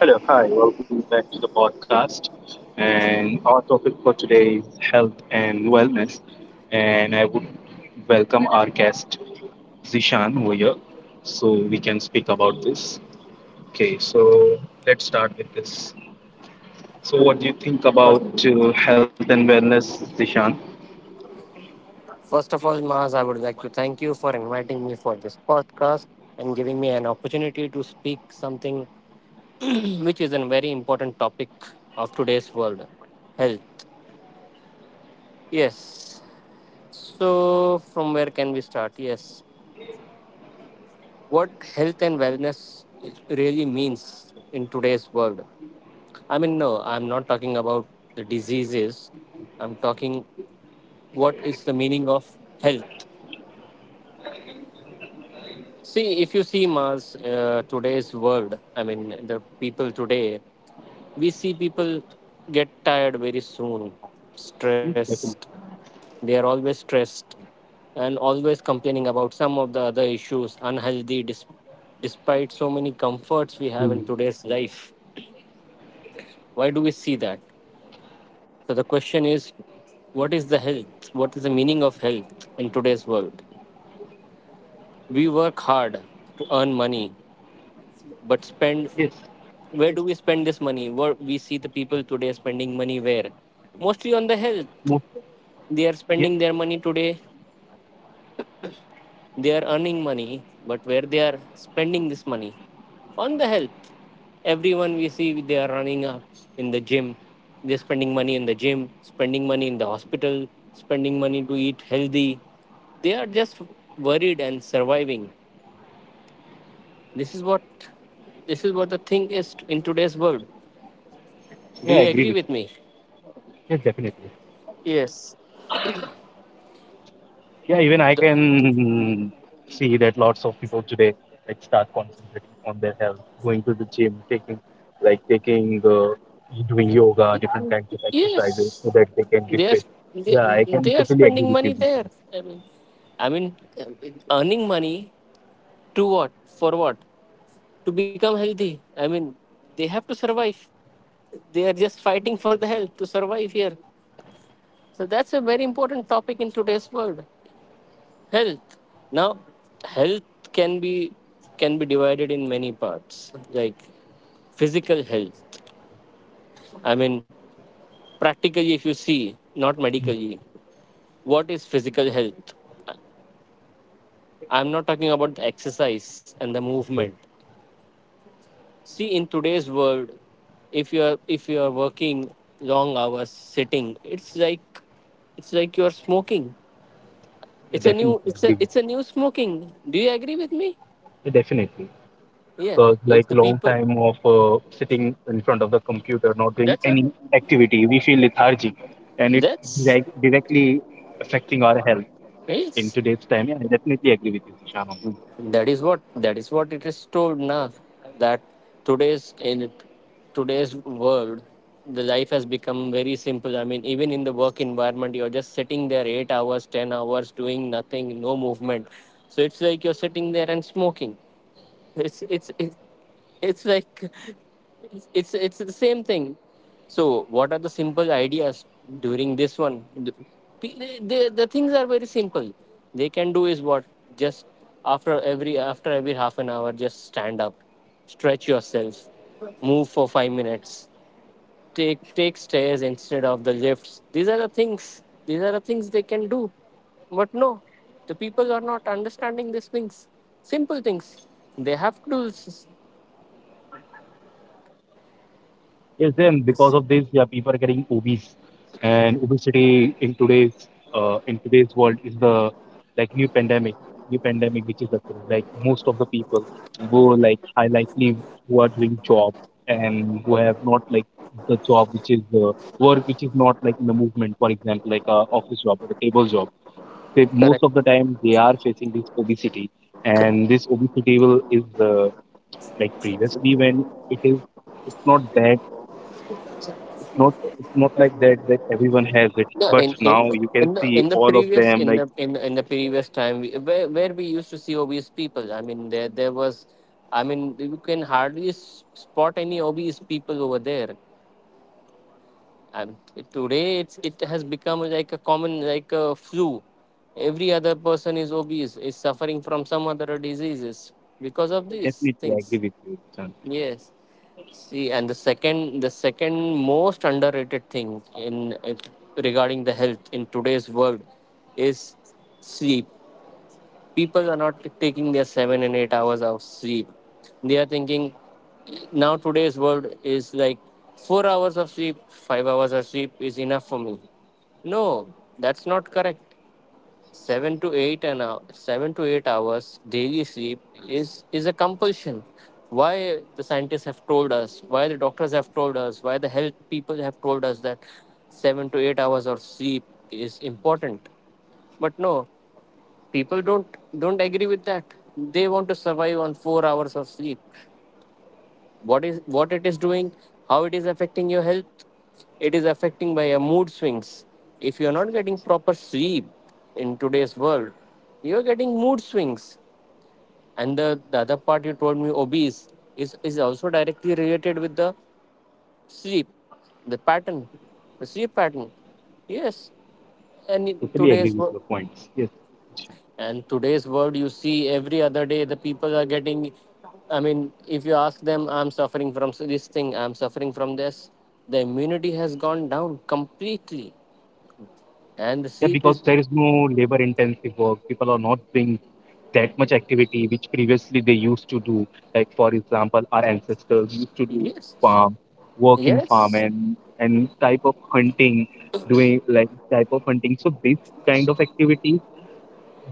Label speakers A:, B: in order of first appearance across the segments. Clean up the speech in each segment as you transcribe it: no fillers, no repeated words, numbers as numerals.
A: Hello, hi, welcome back to the podcast. And our topic for today is health and wellness. And I would welcome our guest, Zishan, over here, so we can speak about this. Okay, so let's start with this. So, what do you think
B: First,
A: about health and wellness, Zishan?
B: first of all, Maz, I would like to thank you for inviting me for this podcast and giving me an opportunity to speak something which is a very important topic of today's world health. Yes. So, from where can we start? Yes. What health and wellness really means in today's world? I mean, no, I'm not talking about the diseases. I'm talking what is the meaning of health. See, if you see Mars, today's world, I mean, the people today, we see people get tired very soon, stressed.
A: Definitely.
B: They are always stressed and always complaining about some of the other issues, unhealthy, despite so many comforts we have in today's life. Why do we see that? So, the question is what is the health? What is the meaning of health in today's world? We work hard to earn money,
A: Yes,
B: but spend, where do we spend this money? Where we see the people today spending money, where? Mostly on the
A: Mo-
B: health. They
A: yeah,
B: are spending their money today. They are earning money, but where they are spending this money? On the health. Everyone we see, they are running up in the gym. They're spending money in the gym, spending money in the hospital, spending money to eat healthy. They are just worried and surviving. This is what this is what the thing is in today's world.
A: yeah, I
B: Do
A: agree
B: you
A: with
B: agree
A: you.
B: with me?
A: Yes, definitely.
B: Yes.
A: Yeah, even I
B: The.
A: can see that lots of people today, like, start concentrating on their health, going to the gym, taking like taking doing yoga, different kinds of exercises so
B: Yes,
A: that they can be
B: they are.
A: fit.
B: they,
A: Yeah, I can
B: they are
A: totally agree
B: spending
A: with you,
B: money
A: Vishal.
B: there. I mean, I mean, earning money to what? For what? To become healthy. I mean, they have to survive. They are just fighting for the health to survive here. So that's a very important topic in today's world. Health. Now, health can be, can be divided in many parts. Like physical health. I mean, practically, if you see, not medically, what is physical health? I'm not talking about the exercise and the movement.
A: Mhm.
B: See, in today's world, if you're working long hours sitting, it's like, it's like you're smoking.
A: Yeah,
B: It's a
A: definitely
B: new it's a
A: agree with
B: it's a
A: you.
B: new smoking. Do you agree with me?
A: Yeah, definitely.
B: Yeah.
A: Because
B: If
A: like
B: the
A: long
B: people,
A: time of sitting in front of the computer, not doing
B: that's a,
A: any activity, we feel lethargic, and it
B: that's
A: like directly affecting our health in today's
B: yes.
A: time. Yeah, I definitely agree with you, Zishan.
B: That is what it is told now, that today's in today's world, the life has become very simple. I mean, even in the work environment you're just sitting there 8 hours 10 hours, doing nothing, no movement. So it's like you're sitting there and smoking. It's it's it's, it's like it's, it's it's the same thing. So what are the simple ideas during this one? The things are very simple. They can do is what? Just after every half an hour, just stand up, stretch yourself, move for 5 minutes, take stairs instead of the lifts. These are the things, these are the things they can do. But no, the people are not understanding these things. Simple things they have to do.
A: Yes, then because of this, yeah, people are getting obese, and obesity in today's world is the like new pandemic which is occurring. Like most of the people who like high likely who are doing job and who have not like the job which is work which is not like in the movement. For example, like a office job or a table job. They, most
B: Correct.
A: of the time they are facing this obesity,
B: C-
A: and this obesity will is like previously when it is it's not that not it's not like that that everyone has it
B: no,
A: but
B: in, in
A: now you
B: in
A: can
B: the
A: see
B: in the
A: all of
B: previous,
A: them
B: in
A: like
B: the in, the, in the previous time, where we used to see obese people, I mean, there was, I mean, you can hardly spot any obese people over there. And today it's, it has become like a common, like a flu. Every other person is obese, is suffering from some other diseases because of these
A: definitely
B: things.
A: agree with you son.
B: Yes. See, and the second, the second most underrated thing in, regarding the health in today's world, is sleep. People are not taking their 7 and 8 hours of sleep. They are thinking, now today's world is like 4 hours of sleep, 5 hours of sleep is enough for me. No, that's not correct. Seven to eight and hour, 7 to 8 hours daily sleep is a compulsion. Why the scientists have told us, why the doctors have told us, why the health people have told us that 7 to 8 hours of sleep is important. But no, people don't agree with that. They want to survive on 4 hours of sleep. What is, what it is doing, how it is affecting your health? It is affecting by your mood swings. If you are not getting proper sleep in today's world, you are getting mood swings. And the other part you told me, obese, is also directly related with the sleep, the pattern, the sleep pattern. Yes.
A: Totally agree with your
B: and
A: points,
B: in
A: yes.
B: today's world
A: Sure.
B: and today's world, you see every other day the people are getting, I mean, if you ask them, I'm suffering from this thing, I'm suffering from this. The immunity has gone down completely.
A: Yeah,
B: And the
A: because there
B: sleep
A: is
B: is,
A: no labor intensive work, people are not doing that much activity which previously they used to do. Like for example, our ancestors used to do
B: yes,
A: farm work in farm
B: yes,
A: and type of hunting, doing like type of hunting, so this kind of activity,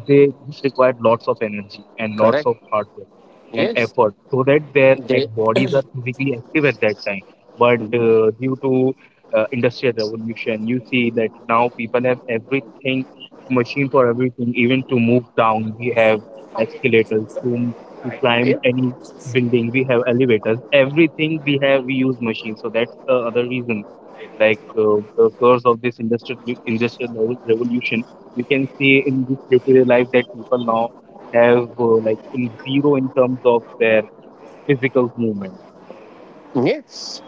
A: they just required lots of energy and lots
B: correct,
A: of hard work and
B: yes,
A: effort so that their
B: they
A: bodies are physically active at that time. But due to industrial revolution, you see that now people have everything, machine for everything. Even to move down we have escalators to climb
B: yes.
A: any building we have elevators, everything we have, we use machines. So that's the other reason, like the curse of this industrial revolution we can see in this day-to-day life, that people now have like in zero in terms of their physical movement.
B: Yes,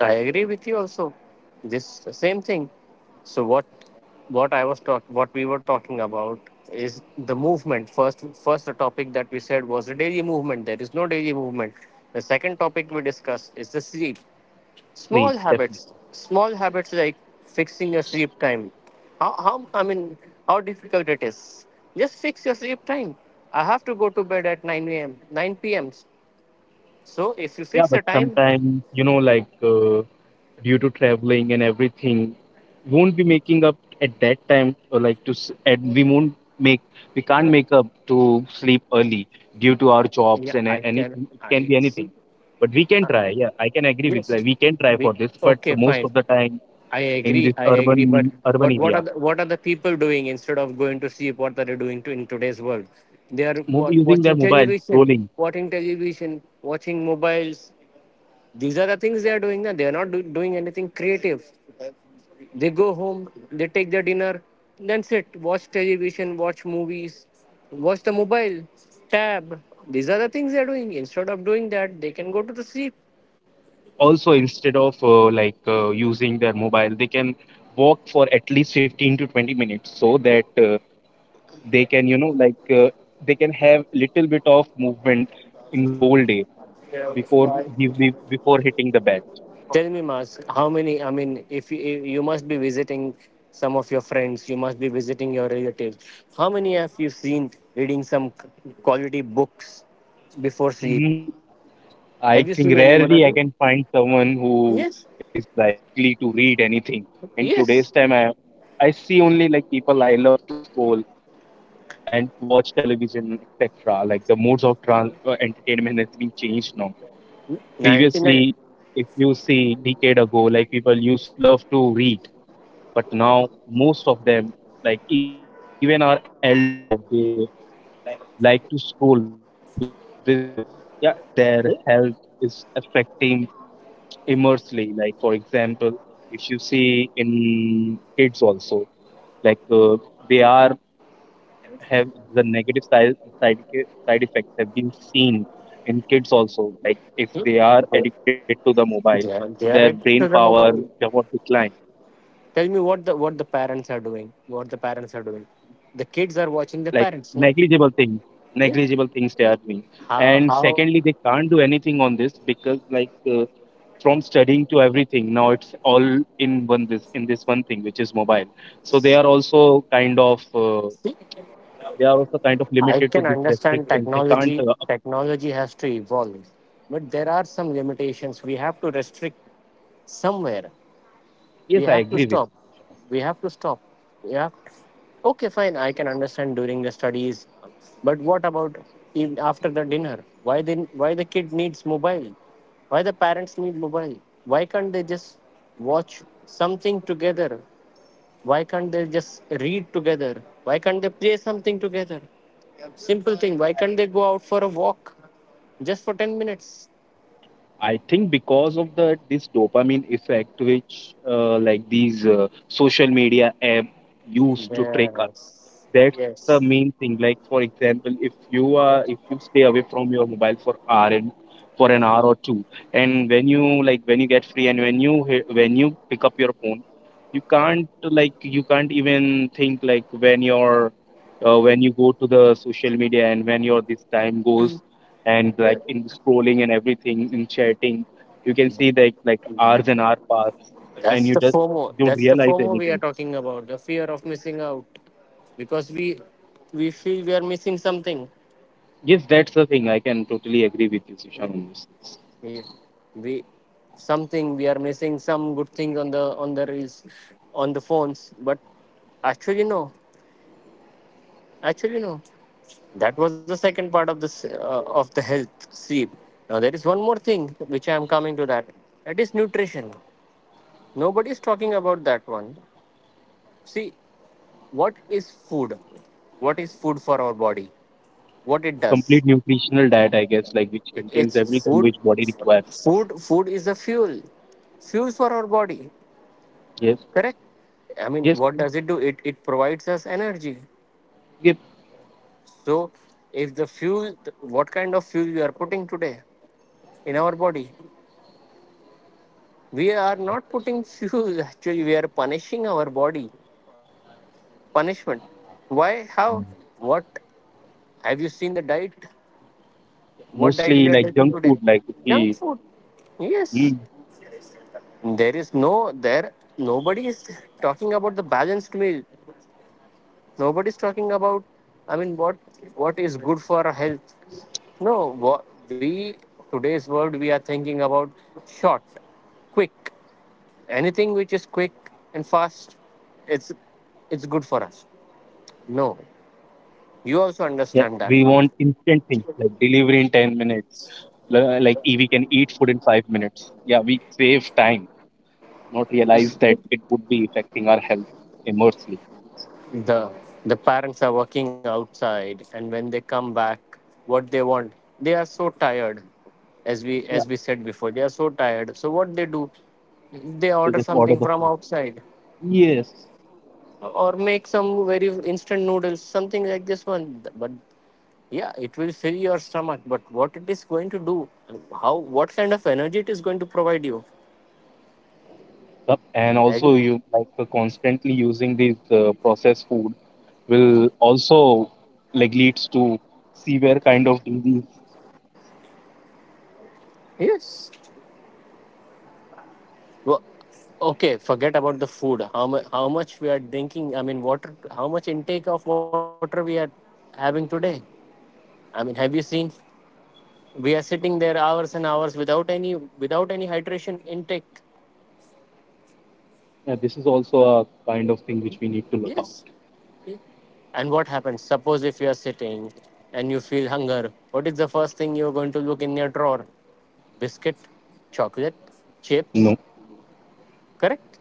B: I agree with you also. This same thing. So what I was talk what we were talking about is the movement. First, first the topic that we said was the daily movement. There is no daily movement. The second topic we discussed is the sleep.
A: Sleep,
B: Small
A: definitely.
B: habits. Small habits like fixing your sleep time. How, I mean, how difficult it is. Just fix your sleep time. I have to go to bed at nine a.m., nine PM. So if you
A: Yeah,
B: fix the
A: but
B: time,
A: sometimes you know, like due to traveling and everything, won't be making up at that time. Or like to s- at we won't make, we can't make up to sleep early due to our
B: yeah,
A: jobs and
B: I can,
A: anything. It can
B: I
A: be
B: see.
A: anything but we can try. Yeah, I can agree with that,
B: Yes.
A: we can try
B: We,
A: for this, but
B: okay,
A: most
B: fine.
A: of the time
B: I
A: in
B: agree.
A: this
B: I agree. But
A: urban
B: but
A: area
B: what are the people doing instead of going to sleep? What are they doing to, in today's world? They are
A: using
B: watching
A: their mobile,
B: television,
A: scrolling.
B: watching television, watching mobiles. These are the things they are doing. Now. They are not do, doing anything creative. They go home, they take their dinner, then sit, watch television, watch movies, watch the mobile, tab. These are the things they are doing. Instead of doing that, they can go to the sleep.
A: Also, instead of using their mobile, they can walk for at least 15 to 20 minutes so that they can you know like they can have little bit of movement in whole day before before hitting the bed.
B: Tell me, Mas, how many? I mean, if you, you must be visiting some of your friends, you must be visiting your relatives. How many have you seen reading some quality books before sleep?
A: No, I
B: Have you
A: think
B: seen any one
A: rarely
B: of
A: I
B: them?
A: can find someone who
B: Yes,
A: is likely to read anything in
B: yes.
A: today's time. I see only like people I love to scroll and watch television, etc. Like the modes of entertainment has been changed now.
B: 99.
A: Previously, if you see decade ago, like people used love to read, but now most of them, like even our elders, now they like to scroll. Because of this. Yeah, their
B: Hmm?
A: health is affecting immensely. Like for example, if you see in kids also, like they are have the negative side effects have been seen in kids also. Like
B: Hmm?
A: if they are
B: They
A: addicted to the mobile,
B: they are
A: so
B: they are
A: their
B: addicted
A: brain
B: to the
A: power
B: mobile.
A: cannot decline.
B: Tell me what the, what the parents are doing. What the parents are doing. The kids are watching the
A: Like
B: parents, no?
A: negligible thing,
B: Yeah.
A: negligible things they are doing.
B: How
A: And
B: how.
A: secondly, they can't do anything on this because like from studying to everything now it's all in one this in this one thing which is mobile. So they
B: See,
A: are also kind of they are also kind of
B: I
A: limited
B: can
A: to this
B: understand
A: restriction. They can't.
B: technology. Technology has to evolve, but there are some limitations. We have to restrict somewhere. We
A: Yes, I
B: have to
A: agree with.
B: stop. We have to stop. Yeah. Okay, fine. I can understand during the studies, but what about after the dinner? Why then? Why the kid needs mobile? Why the parents need mobile? Why can't they just watch something together? Why can't they just read together? Why can't they play something together? Simple thing. Why can't they go out for a walk just for 10 minutes?
A: I think because of the this dopamine effect, which like these social media app used to trick,
B: Yes.
A: that's the
B: Yes.
A: main thing. Like for example, if you stay away from your mobile for an hour or two, and when you like when you get free and when when you pick up your phone, you can't like you can't even think like when your when you go to the social media and when your this time goes and like in scrolling and everything, in chatting, you can see like hours and hour pass and
B: That's
A: you
B: the
A: just
B: FOMO.
A: don't
B: That's the
A: realize
B: FOMO we are
A: anything.
B: talking about. The fear of missing out. Because we feel we are missing something.
A: Yes, that's the thing. I can totally agree with you, Sushan, on this. It's
B: We, we something we are missing some good things on the, on the reels, on the phones. But actually no. Actually no. That was the second part of this, of the health sleep. Now there is one more thing which I am coming to, that, that is nutrition. Nobody is talking about that one. See, what is food? What is food for our body? What it
A: a
B: does?
A: complete nutritional diet, I guess, like which contains
B: It's
A: everything
B: food.
A: which body requires.
B: Food is a fuel, fuel for our body.
A: Yes,
B: Correct. I mean,
A: yes,
B: what does it do? It provides us energy.
A: yes.
B: So if the fuel, what kind of fuel you are putting today in our body? We are not putting fuel, actually, we are punishing our body. Punishment. Why? How? What? Have you seen the diet? What diet
A: Mostly
B: we are
A: like
B: taking
A: junk
B: today?
A: food, like if
B: Junk
A: we
B: food. Yes.
A: mm,
B: There is no, there, nobody is talking about the balanced meal. Nobody is talking about, I mean, what is good for our health. No, what we, today's world, we are thinking about short, quick. Anything which is quick and fast, it's it's good for us. No,
A: yeah,
B: you
A: we
B: also
A: want
B: understand
A: instant
B: that
A: things
B: one.
A: like delivery in 10 minutes. We can eat food in 5 minutes. Yeah, we save time, not realize that it would be affecting our health immensely.
B: The the parents are working outside, and when they come back, what they want, they are so tired. As we as
A: Yeah,
B: we said before, they are so tired. So what they do, they
A: we
B: order
A: just order
B: something
A: the
B: from
A: food.
B: outside
A: Yes.
B: or make some very instant noodles, something like this one. But yeah, it will fill your stomach. But what it is going to do, how, what kind of energy it is going to provide you?
A: Yep. And also,
B: Agree?
A: you like constantly using these processed food will also like leads to severe kind of disease.
B: Yes. Well, okay, forget about the food. How much, how much we are drinking, I mean, water, how much intake of water we are having today? I mean, have you seen we are sitting there hours and hours without any hydration intake.
A: Yeah, this is also a kind of thing which we need to look out.
B: Yes. And what happens? Suppose if you are sitting and you feel hunger, what is the first thing you're going to look in your drawer? Biscuit, chocolate,
A: No.
B: chips, correct?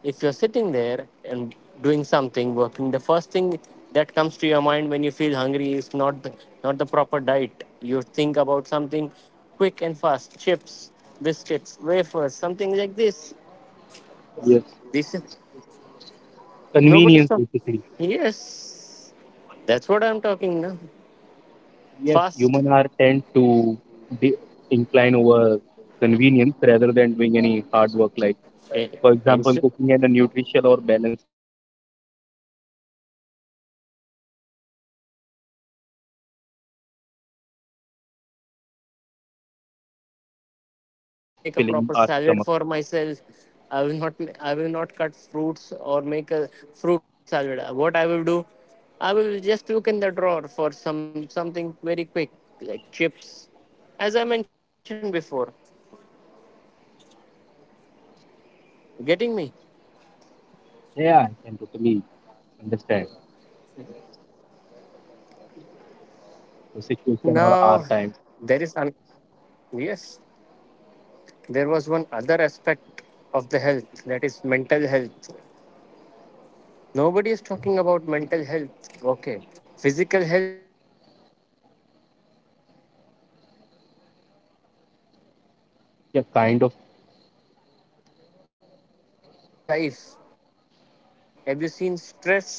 B: If you're sitting there and doing something, working, the first thing that comes to your mind when you feel hungry is not the proper diet. You think about something quick and fast: chips, biscuits, wafers, something like this.
A: Yes.
B: This is nobody
A: Convenience,
B: stop
A: basically.
B: Yes, that's what I'm talking now.
A: Yes,
B: fast
A: human are tend to de- incline over convenience rather than doing any hard work. Like
B: Eh,
A: for example,
B: Instead,
A: cooking and a nutritional or balanced diet, they just
B: if
A: jump for
B: today
A: a
B: if
A: quick
B: I'm sitting and I feel
A: meal,
B: hungry, I'm
A: which
B: not
A: is
B: going to
A: not that
B: stand up. I
A: nutritional,
B: mean,
A: but
B: I
A: yet
B: feel lethargic. I
A: it
B: don't, I
A: just
B: will not go in the
A: do the
B: kitchen, I
A: job
B: will
A: of
B: not make a
A: filling
B: proper
A: our
B: salad
A: stomach.
B: for myself. i will not I will not cut fruits or make a fruit salad. What I will do, I will just look in the drawer for some something very quick, like chips, as I mentioned before. Getting me?
A: Yeah, I can totally understand the situation or
B: Now,
A: our time.
B: there is un- yes, there was one other aspect of the health, that is mental health. Nobody is talking about mental health, okay? Physical health is important, but what about the mental? How, I mean,
A: Yeah,
B: who
A: kind
B: is
A: of.
B: going to speak about this one? What is today's life? Have you seen stress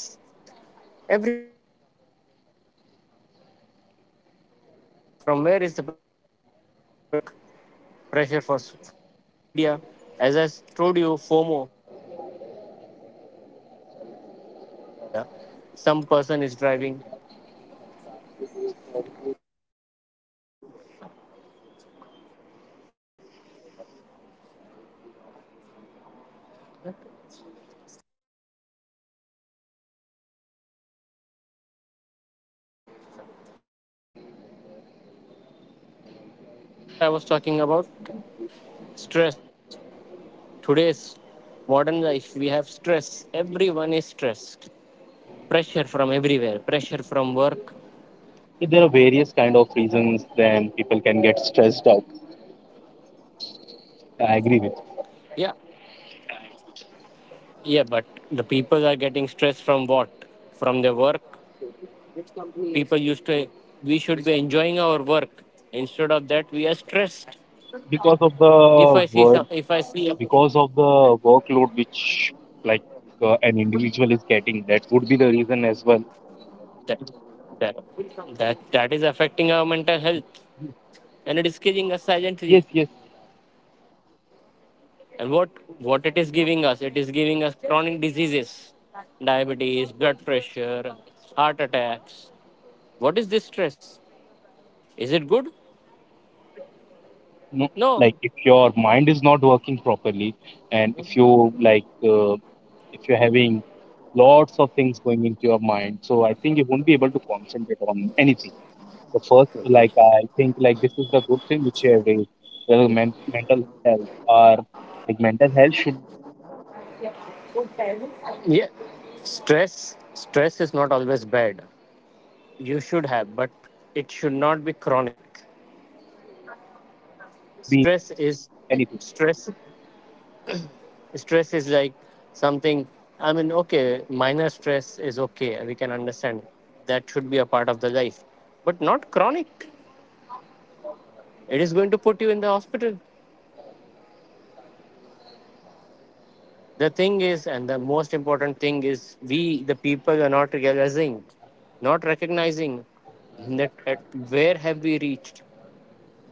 B: everywhere? Every person is stressed today. Pressure, from where is the pressure? Pressure from work, from social media. As I told you, FOMO, I'm missing out. If I see something in the social media, some person is driving. So what I was talking about, stress. Today's modern life, we have stress. Everyone is stressed. Pressure from everywhere. Pressure from work.
A: There are various kind of reasons then people can get stressed out. I agree with you.
B: Yeah, yeah, but the people are getting stressed from what? From their work. People used to. We should be enjoying our work. Instead of that, we are stressed.
A: Because of the
B: If I see
A: work,
B: some, if I see a-
A: because of the workload which like an individual is getting. That would be the reason as well.
B: that that that is affecting our mental health, and it is killing us silently.
A: Yes, yes.
B: And what it is giving us? It is giving us chronic diseases: diabetes, blood pressure, heart attacks. What is this stress? Is it good?
A: No,
B: No.
A: like if your mind is not working properly, and if you like if you're having lots of things going into your mind, so I think you won't be able to concentrate on anything. The first, like I think like this is the good thing which you have raised, whether mental health or like mental health should be like in the in a place, then only we
B: Yeah,
A: can work on our
B: stress is not always
A: anything.
B: bad. You should have, but it should not be chronic. Stress is stress. Stress is like something. I mean, okay, minor stress is okay, we can understand. That should be a part of the life, but not chronic. It is going to put you in the hospital. The thing is, and the most important thing is, we, the people, are not realizing, not recognizing, that at where have we reached.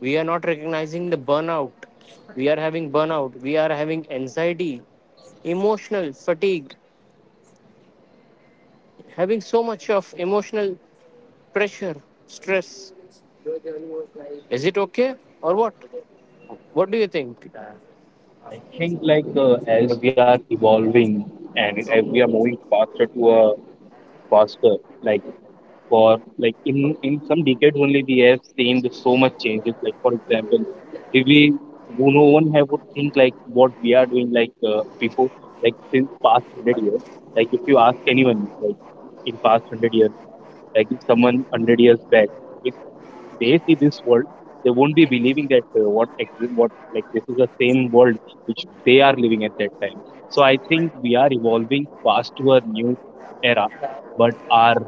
B: We are not recognizing the burnout. We are having burnout, we are having anxiety, emotional fatigue, having so much of emotional pressure, stress. Is it okay or what? What do you think?
A: I think like as we are evolving and as we are moving faster to a faster like for like in some decades only we have seen the so much changes. Like for example, if we who no one have would think like what we are doing like before, like since past 100 years. Like if you ask anyone, like in past 100 years, like if someone 100 years back, if they see this world, they won't be believing that what like this is the same world which they are living at that time. So I think we are evolving fast to a new era, but our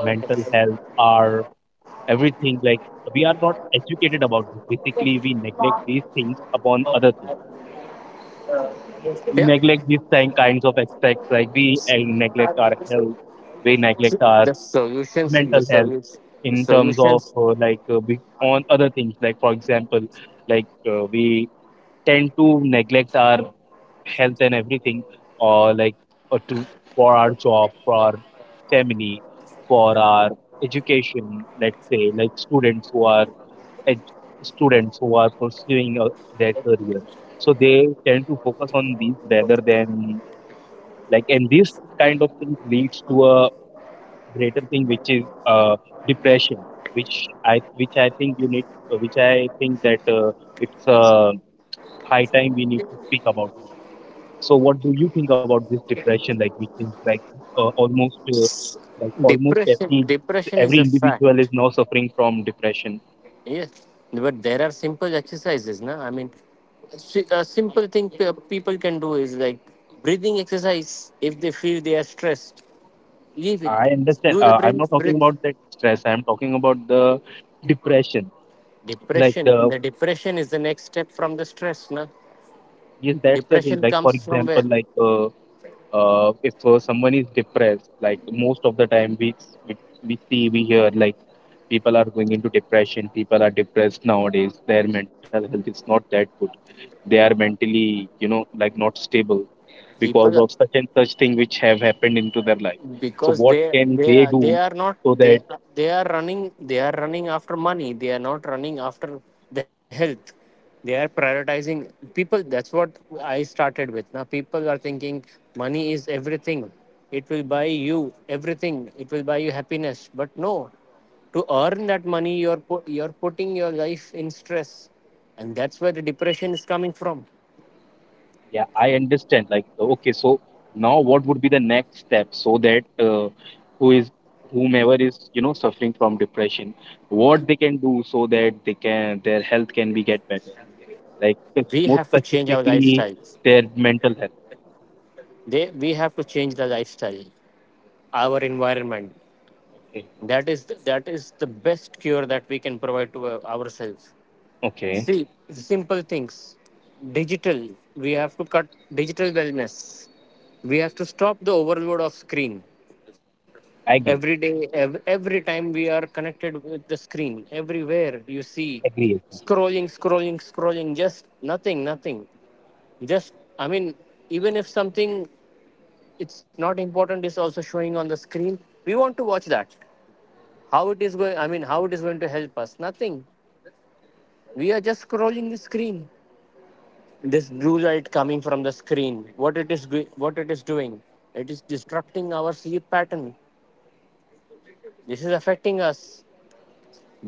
A: mental health, our everything. Like we are not educated about this. Basically, we neglect these things upon other things. We
B: Yeah,
A: neglect these same kinds of aspects. Like we neglect our health, we neglect our
B: the solutions, the
A: mental health
B: solutions, the
A: in terms of
B: solutions.
A: on other things. Like for example, like we tend to neglect our health and everything, or like or to for our job, for our family, for our education. Let's say like students who are ed- students who are pursuing their career, so they tend to focus on these rather than like. And this kind of thing leads to a greater thing which is depression, which i think you need which I think that it's high time we need to speak about this. So what do you think about this depression? Like which is like almost like almost
B: Depression, depression is
A: every
B: a
A: individual is
B: fact.
A: now suffering from depression.
B: Yes, but there are simple exercises, na. I mean, a simple thing people can do is like breathing exercise. If they feel they are stressed, leave it.
A: I understand.
B: Do the
A: I'm not
B: breath,
A: talking
B: breathe.
A: about that stress. I'm talking about the depression. Like
B: Depression.
A: the
B: The depression is the next step from the stress, na.
A: yes, that's the thing.
B: Depression
A: Like for
B: comes from
A: example,
B: where?
A: if someone is depressed, like most of the time we, we see we hear like people are going into depression. People are depressed nowadays. Their mental health is not that good, they are mentally, you know, like not stable
B: People,
A: because of such and such thing which have happened into their life. So
B: because
A: what
B: they
A: can
B: they
A: they
B: are, they
A: do
B: are not
A: so
B: they
A: that,
B: They are running, they are running after money. They are not running after the health. They are prioritizing. People, that's what I started with. Now people are thinking money is everything. It will buy you everything, it will buy you happiness. But no, to earn that money, you're putting your life in stress, and that's where the depression is coming from.
A: yeah, I understand, like, okay, so now what would be the next step so that who is, whomever is, you know, suffering from depression, what they can do so that they can, their health can be get better.
B: We have to
A: Like
B: change our
A: more
B: lifestyle.
A: specifically their mental health.
B: They We have to change the lifestyle, our environment.
A: Okay.
B: That is the best cure that we can provide to ourselves.
A: Okay,
B: See, simple things. Digital, we have to cut. Digital wellness, we have to stop the overload of screen.
A: i
B: Every day, every time we are connected with the screen, everywhere you see,
A: agree agree,
B: scrolling, scrolling, scrolling, just nothing, nothing. Just, I mean, even if something, it's not important, it's also showing on the screen, we want to watch that. How it is going, I mean, how it is going to help us? Nothing. We are just scrolling the screen. This blue light coming from the screen, what it is what it is doing, it is disrupting our sleep pattern. This is affecting us.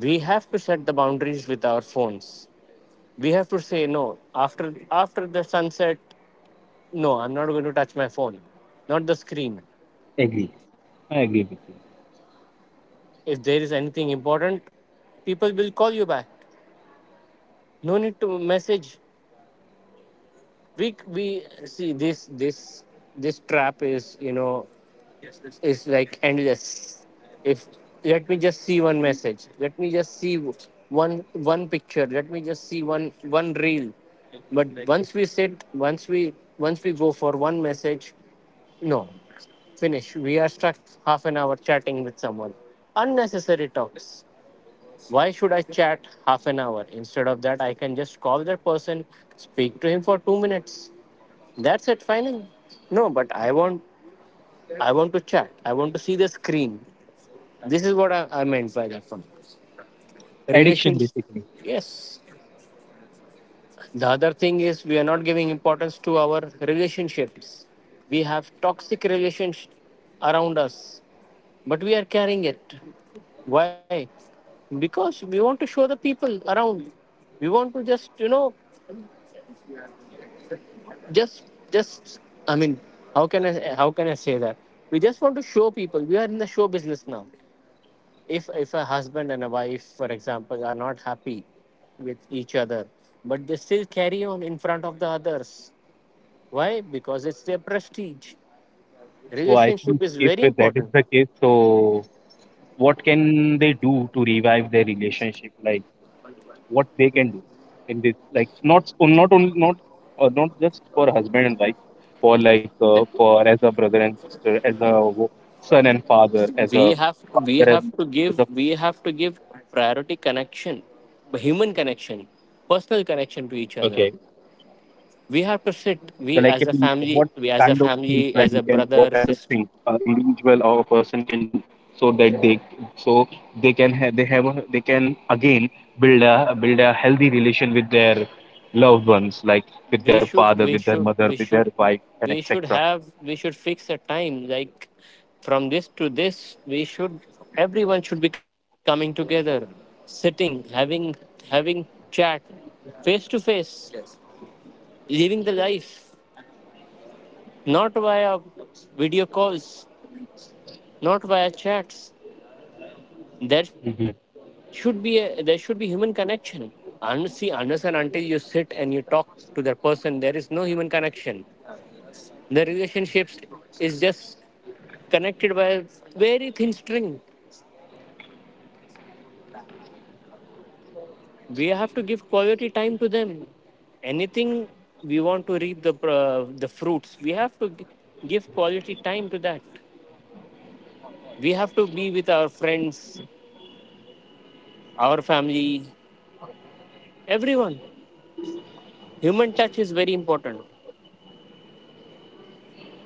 B: We have to set the boundaries with our phones. We have to say no, after the sunset, no, I'm not going to touch my phone, not the screen.
A: agree. I agree with you.
B: If there is anything important, people will call you back. No need to message. We see this trap is, you know, is like endless. If, let me just see one message, let me just see one picture, let me just see one reel. But once we sit, once we go for one message, no, finish, we are stuck. Half an hour chatting with someone, unnecessary talks. Why should I chat half an hour? Instead of that, I can just call that person, speak to him for 2 minutes. That's it, final. No, but I want, I want to chat. I want to see the screen. This is what I meant by that one.
A: Addiction
B: Relations,
A: basically.
B: yes. The other thing is, we are not giving importance to our relationships. We have toxic relations around us, but we are carrying it. Why? Because we want to show the people around. We want to just, you know, just just I mean, how can I, how can I say that, we just want to show people. We are in the show business now. If a husband and a wife, for example, are not happy with each other, but they still carry on in front of the others. Why? Because it's their prestige.
A: So I
B: Relationship
A: think
B: is
A: if
B: very
A: that is
B: important.
A: the case, so what can they do to revive their relationship? Like what they can do in this, like not only not, not just for husband and wife, for like
B: The-
A: for as a brother and sister, as a wo- son and father, as
B: we
A: a
B: have we
A: father
B: have
A: and
B: to give,
A: as
B: we have to give priority, connection, human connection, personal
A: a.
B: connection to each other. We have to sit,
A: Collectively, what kind of
B: we as a
A: things like we
B: family, as
A: can,
B: a
A: what
B: brother,
A: kind of things
B: sister.
A: individual or a person can do, so that they, so they can have, they have, a, they can again build a healthy relation with their loved ones, like with their father, with their mother,
B: We
A: with their
B: should,
A: wife, and
B: we should
A: etc.
B: have, we should fix a time, like from this to this, we should, everyone should be coming together, sitting, having chat, face to face, living the life, not via video calls, not via chats.
A: Mm-hmm.
B: There should be human connection. And see, unless and until you sit and you talk to that person, there is no human connection. The relationships is just connected by a very thin string. We have to give quality time to them. Anything we want to reap, the fruits, we have to give quality time to that. We have to be with our friends, our family, everyone. Human touch is very important.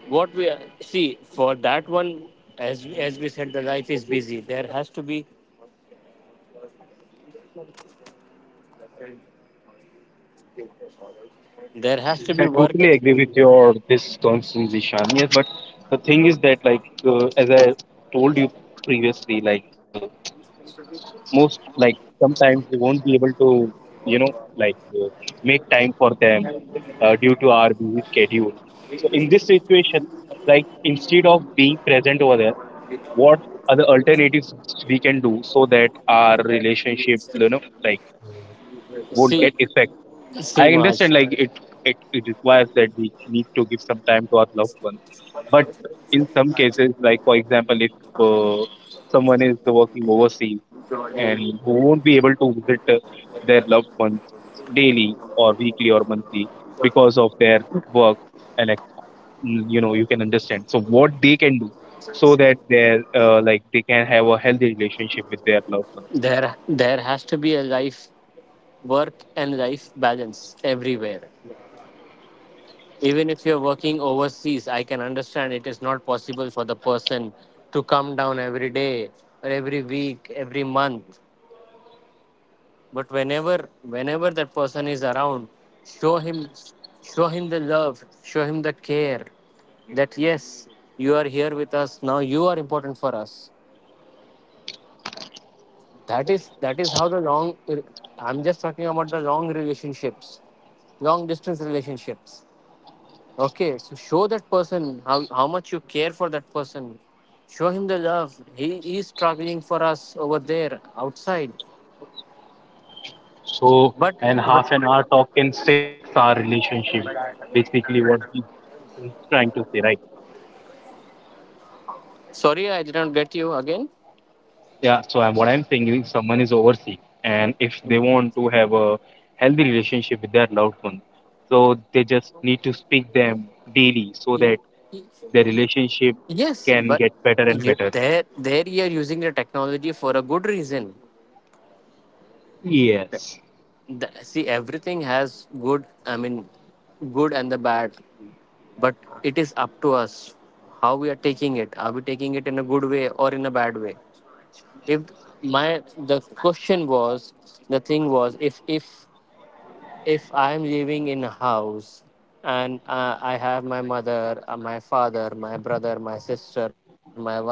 B: What we see for that one, as we said, the life is busy, there has to be
A: I
B: work.
A: totally agree with your this concern, Zishan. Yes, but the thing is that, like, as I told you previously, like, most, like, sometimes we won't be able to, you know, like, make time for them due to our busy schedule. So in this situation, like instead of being present over there, what are the alternatives we can do so that our relationship, you know, like won't get
B: see
A: affected.
B: See,
A: I understand,
B: Mars,
A: like it, it requires that we need to give some time to our loved ones, but in some cases, like for example, if uh, someone is working overseas and who won't be able to visit their loved ones daily or weekly or monthly because of their work, and like, you know, you can understand. So what they can do so that they, like they can have a healthy relationship with their loved ones.
B: there has to be a life, work and life balance, everywhere. Even if you're working overseas, I can understand it is not possible for the person to come down every day, or every week, every month. But whenever that person is around, show him, show him the love, show him the care. That, yes, you are here with us now, you are important for us. That is how the long, I'm just talking about the long relationships, long distance relationships. Okay, so show that person how much you care for that person. Show him the love. He is struggling for us over there outside.
A: So,
B: but
A: and
B: but,
A: half an hour talk can fix our relationship. Basically, what he's trying to say, right?
B: sorry, I did not get you again.
A: Yeah. So, I'm, what I'm saying is, someone is overseas, and if they want to have a healthy relationship with their loved one, so they just need to speak them daily so
B: Y-
A: that
B: y-
A: their relationship
B: Yes,
A: can
B: but
A: get better and
B: you,
A: better.
B: there you are using the technology for a good reason.
A: Yes.
B: The, see, everything has good, I mean, good and the bad, but it is up to us how we are taking it. Are we taking it in a good way or in a bad way? If, my, the question was, the thing was, if I am living in a house, and I have my mother, my father, my brother, my sister, my wife,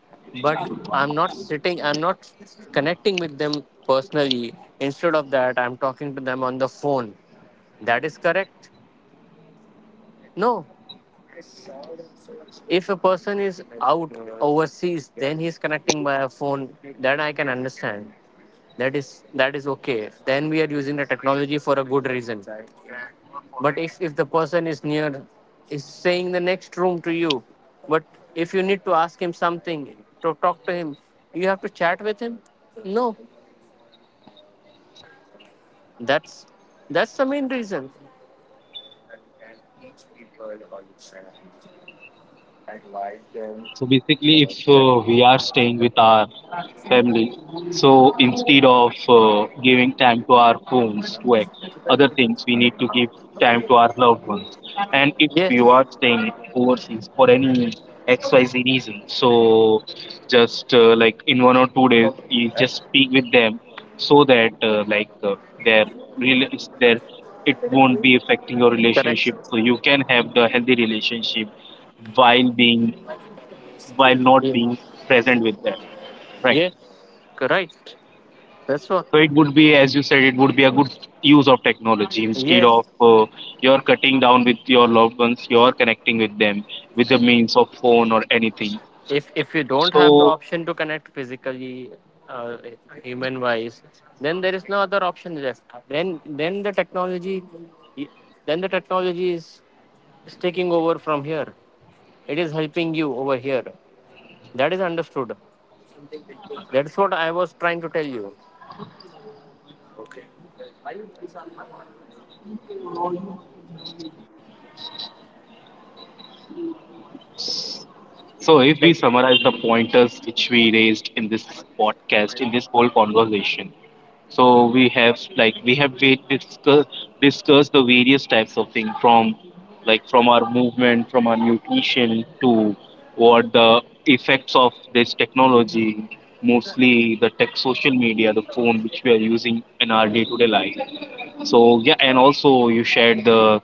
B: but I'm not sitting, I'm not connecting with them personally. Instead of that, I'm talking to them on the phone. That is correct? No. If a person is out overseas, then he's connecting by a phone. That I can understand. That is okay. Then we are using the technology for a good reason. But if the person is near, is saying the next room to you, but if you need to ask him something, to talk to him, you have to chat with him. No, that's that's the main reason.
A: So basically, if we are staying with our family, so instead of giving time to our phones to act, other things, we need to give time to our loved ones. And if
B: Yes,
A: you are staying overseas for any XYZ reason, so just like in 1 or 2 days, you just speak with them so that like their real, their, it won't be affecting your
B: correct.
A: relationship. So you can have the healthy relationship while being, while not
B: Ye-
A: being present with them, right?
B: Yes, correct. That's what.
A: So it would be, as you said, it would be a good use of technology instead of
B: Yes,
A: you're cutting down with your loved ones, you're connecting with them with the means of phone or anything.
B: if you don't have the
A: So,
B: option to connect physically, uh, human wise, then there is no other option left. Then the technology, then the technology is taking over from here. It is helping you over here. That is understood. That's what I was trying to tell you.
A: so if we
B: Tech-
A: summarize the pointers which we raised in this podcast, in this whole conversation, so we have, like we have discussed the various types of things from like from our movement, from our nutrition to what the effects of this technology, mostly the tech social media, the phone which we are using in our day to day life. So yeah, and also you shared the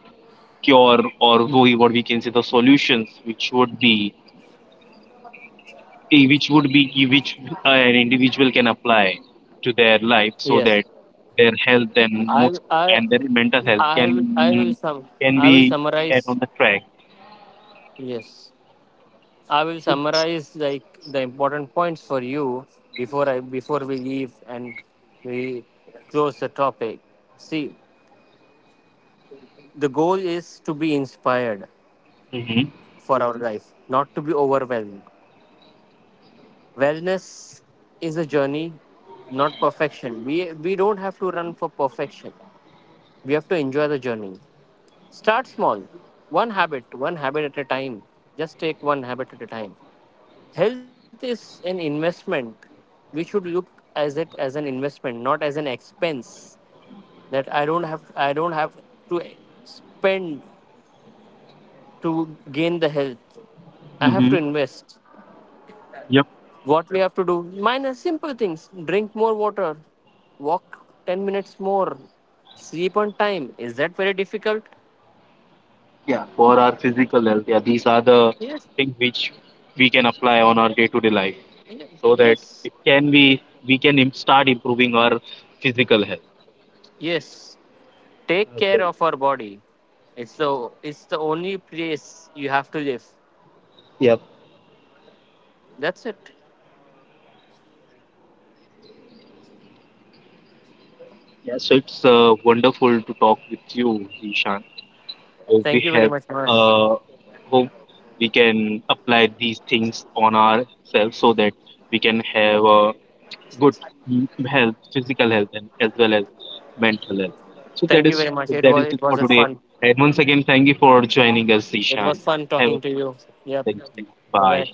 A: cure, or what we can say, the solutions which would be which would be key, which an individual can apply to their life
B: yes.
A: so that their health
B: i
A: and most
B: i
A: and their mental
B: i
A: health
B: will- i will sum I
A: can
B: will
A: be
B: summarize.
A: get on the track.
B: Yes, I will
A: So it's,
B: summarize like the important points for you before I, before we leave and we close the topic. See, the goal is to be inspired
A: hmm.
B: for our life, not to be overwhelmed. Wellness is a journey, not perfection. We don't have to run for perfection. We have to enjoy the journey. Start small. One habit at a time. Just take one habit at a time. Health is an investment. We should look as it as an investment, not as an expense. That I don't have to spend to gain the health. I
A: Hmm.
B: have to invest.
A: Yep.
B: What we have to do? Minor simple things. Drink more water. Walk 10 minutes more. Sleep on time. Is that very difficult?
A: Yeah. For our physical health, yeah, these are the
B: Yes.
A: things which we can apply on our day-to-day life
B: Ye-
A: so that
B: Yes.
A: it can be, we can start improving our physical health.
B: Yes. Take care
A: Okay.
B: of our body. It's the it's the only place you have to live.
A: Yep.
B: That's it.
A: Yeah. So it's wonderful to talk with you, Ishan. Hope we
B: Thank you very
A: have,
B: much, Mas.
A: uh, hope we can apply these things on ourselves so that we can have a good health, physical health, and as well as mental health. So that
B: Thank you
A: is,
B: very much.
A: that is it
B: It was
A: for
B: a
A: today,
B: fun.
A: and once again thank you for joining us,
B: It
A: Ishan.
B: was fun
A: Have a,
B: talking to you. Yep.
A: thank you,
B: Bye
A: bye.
B: bye.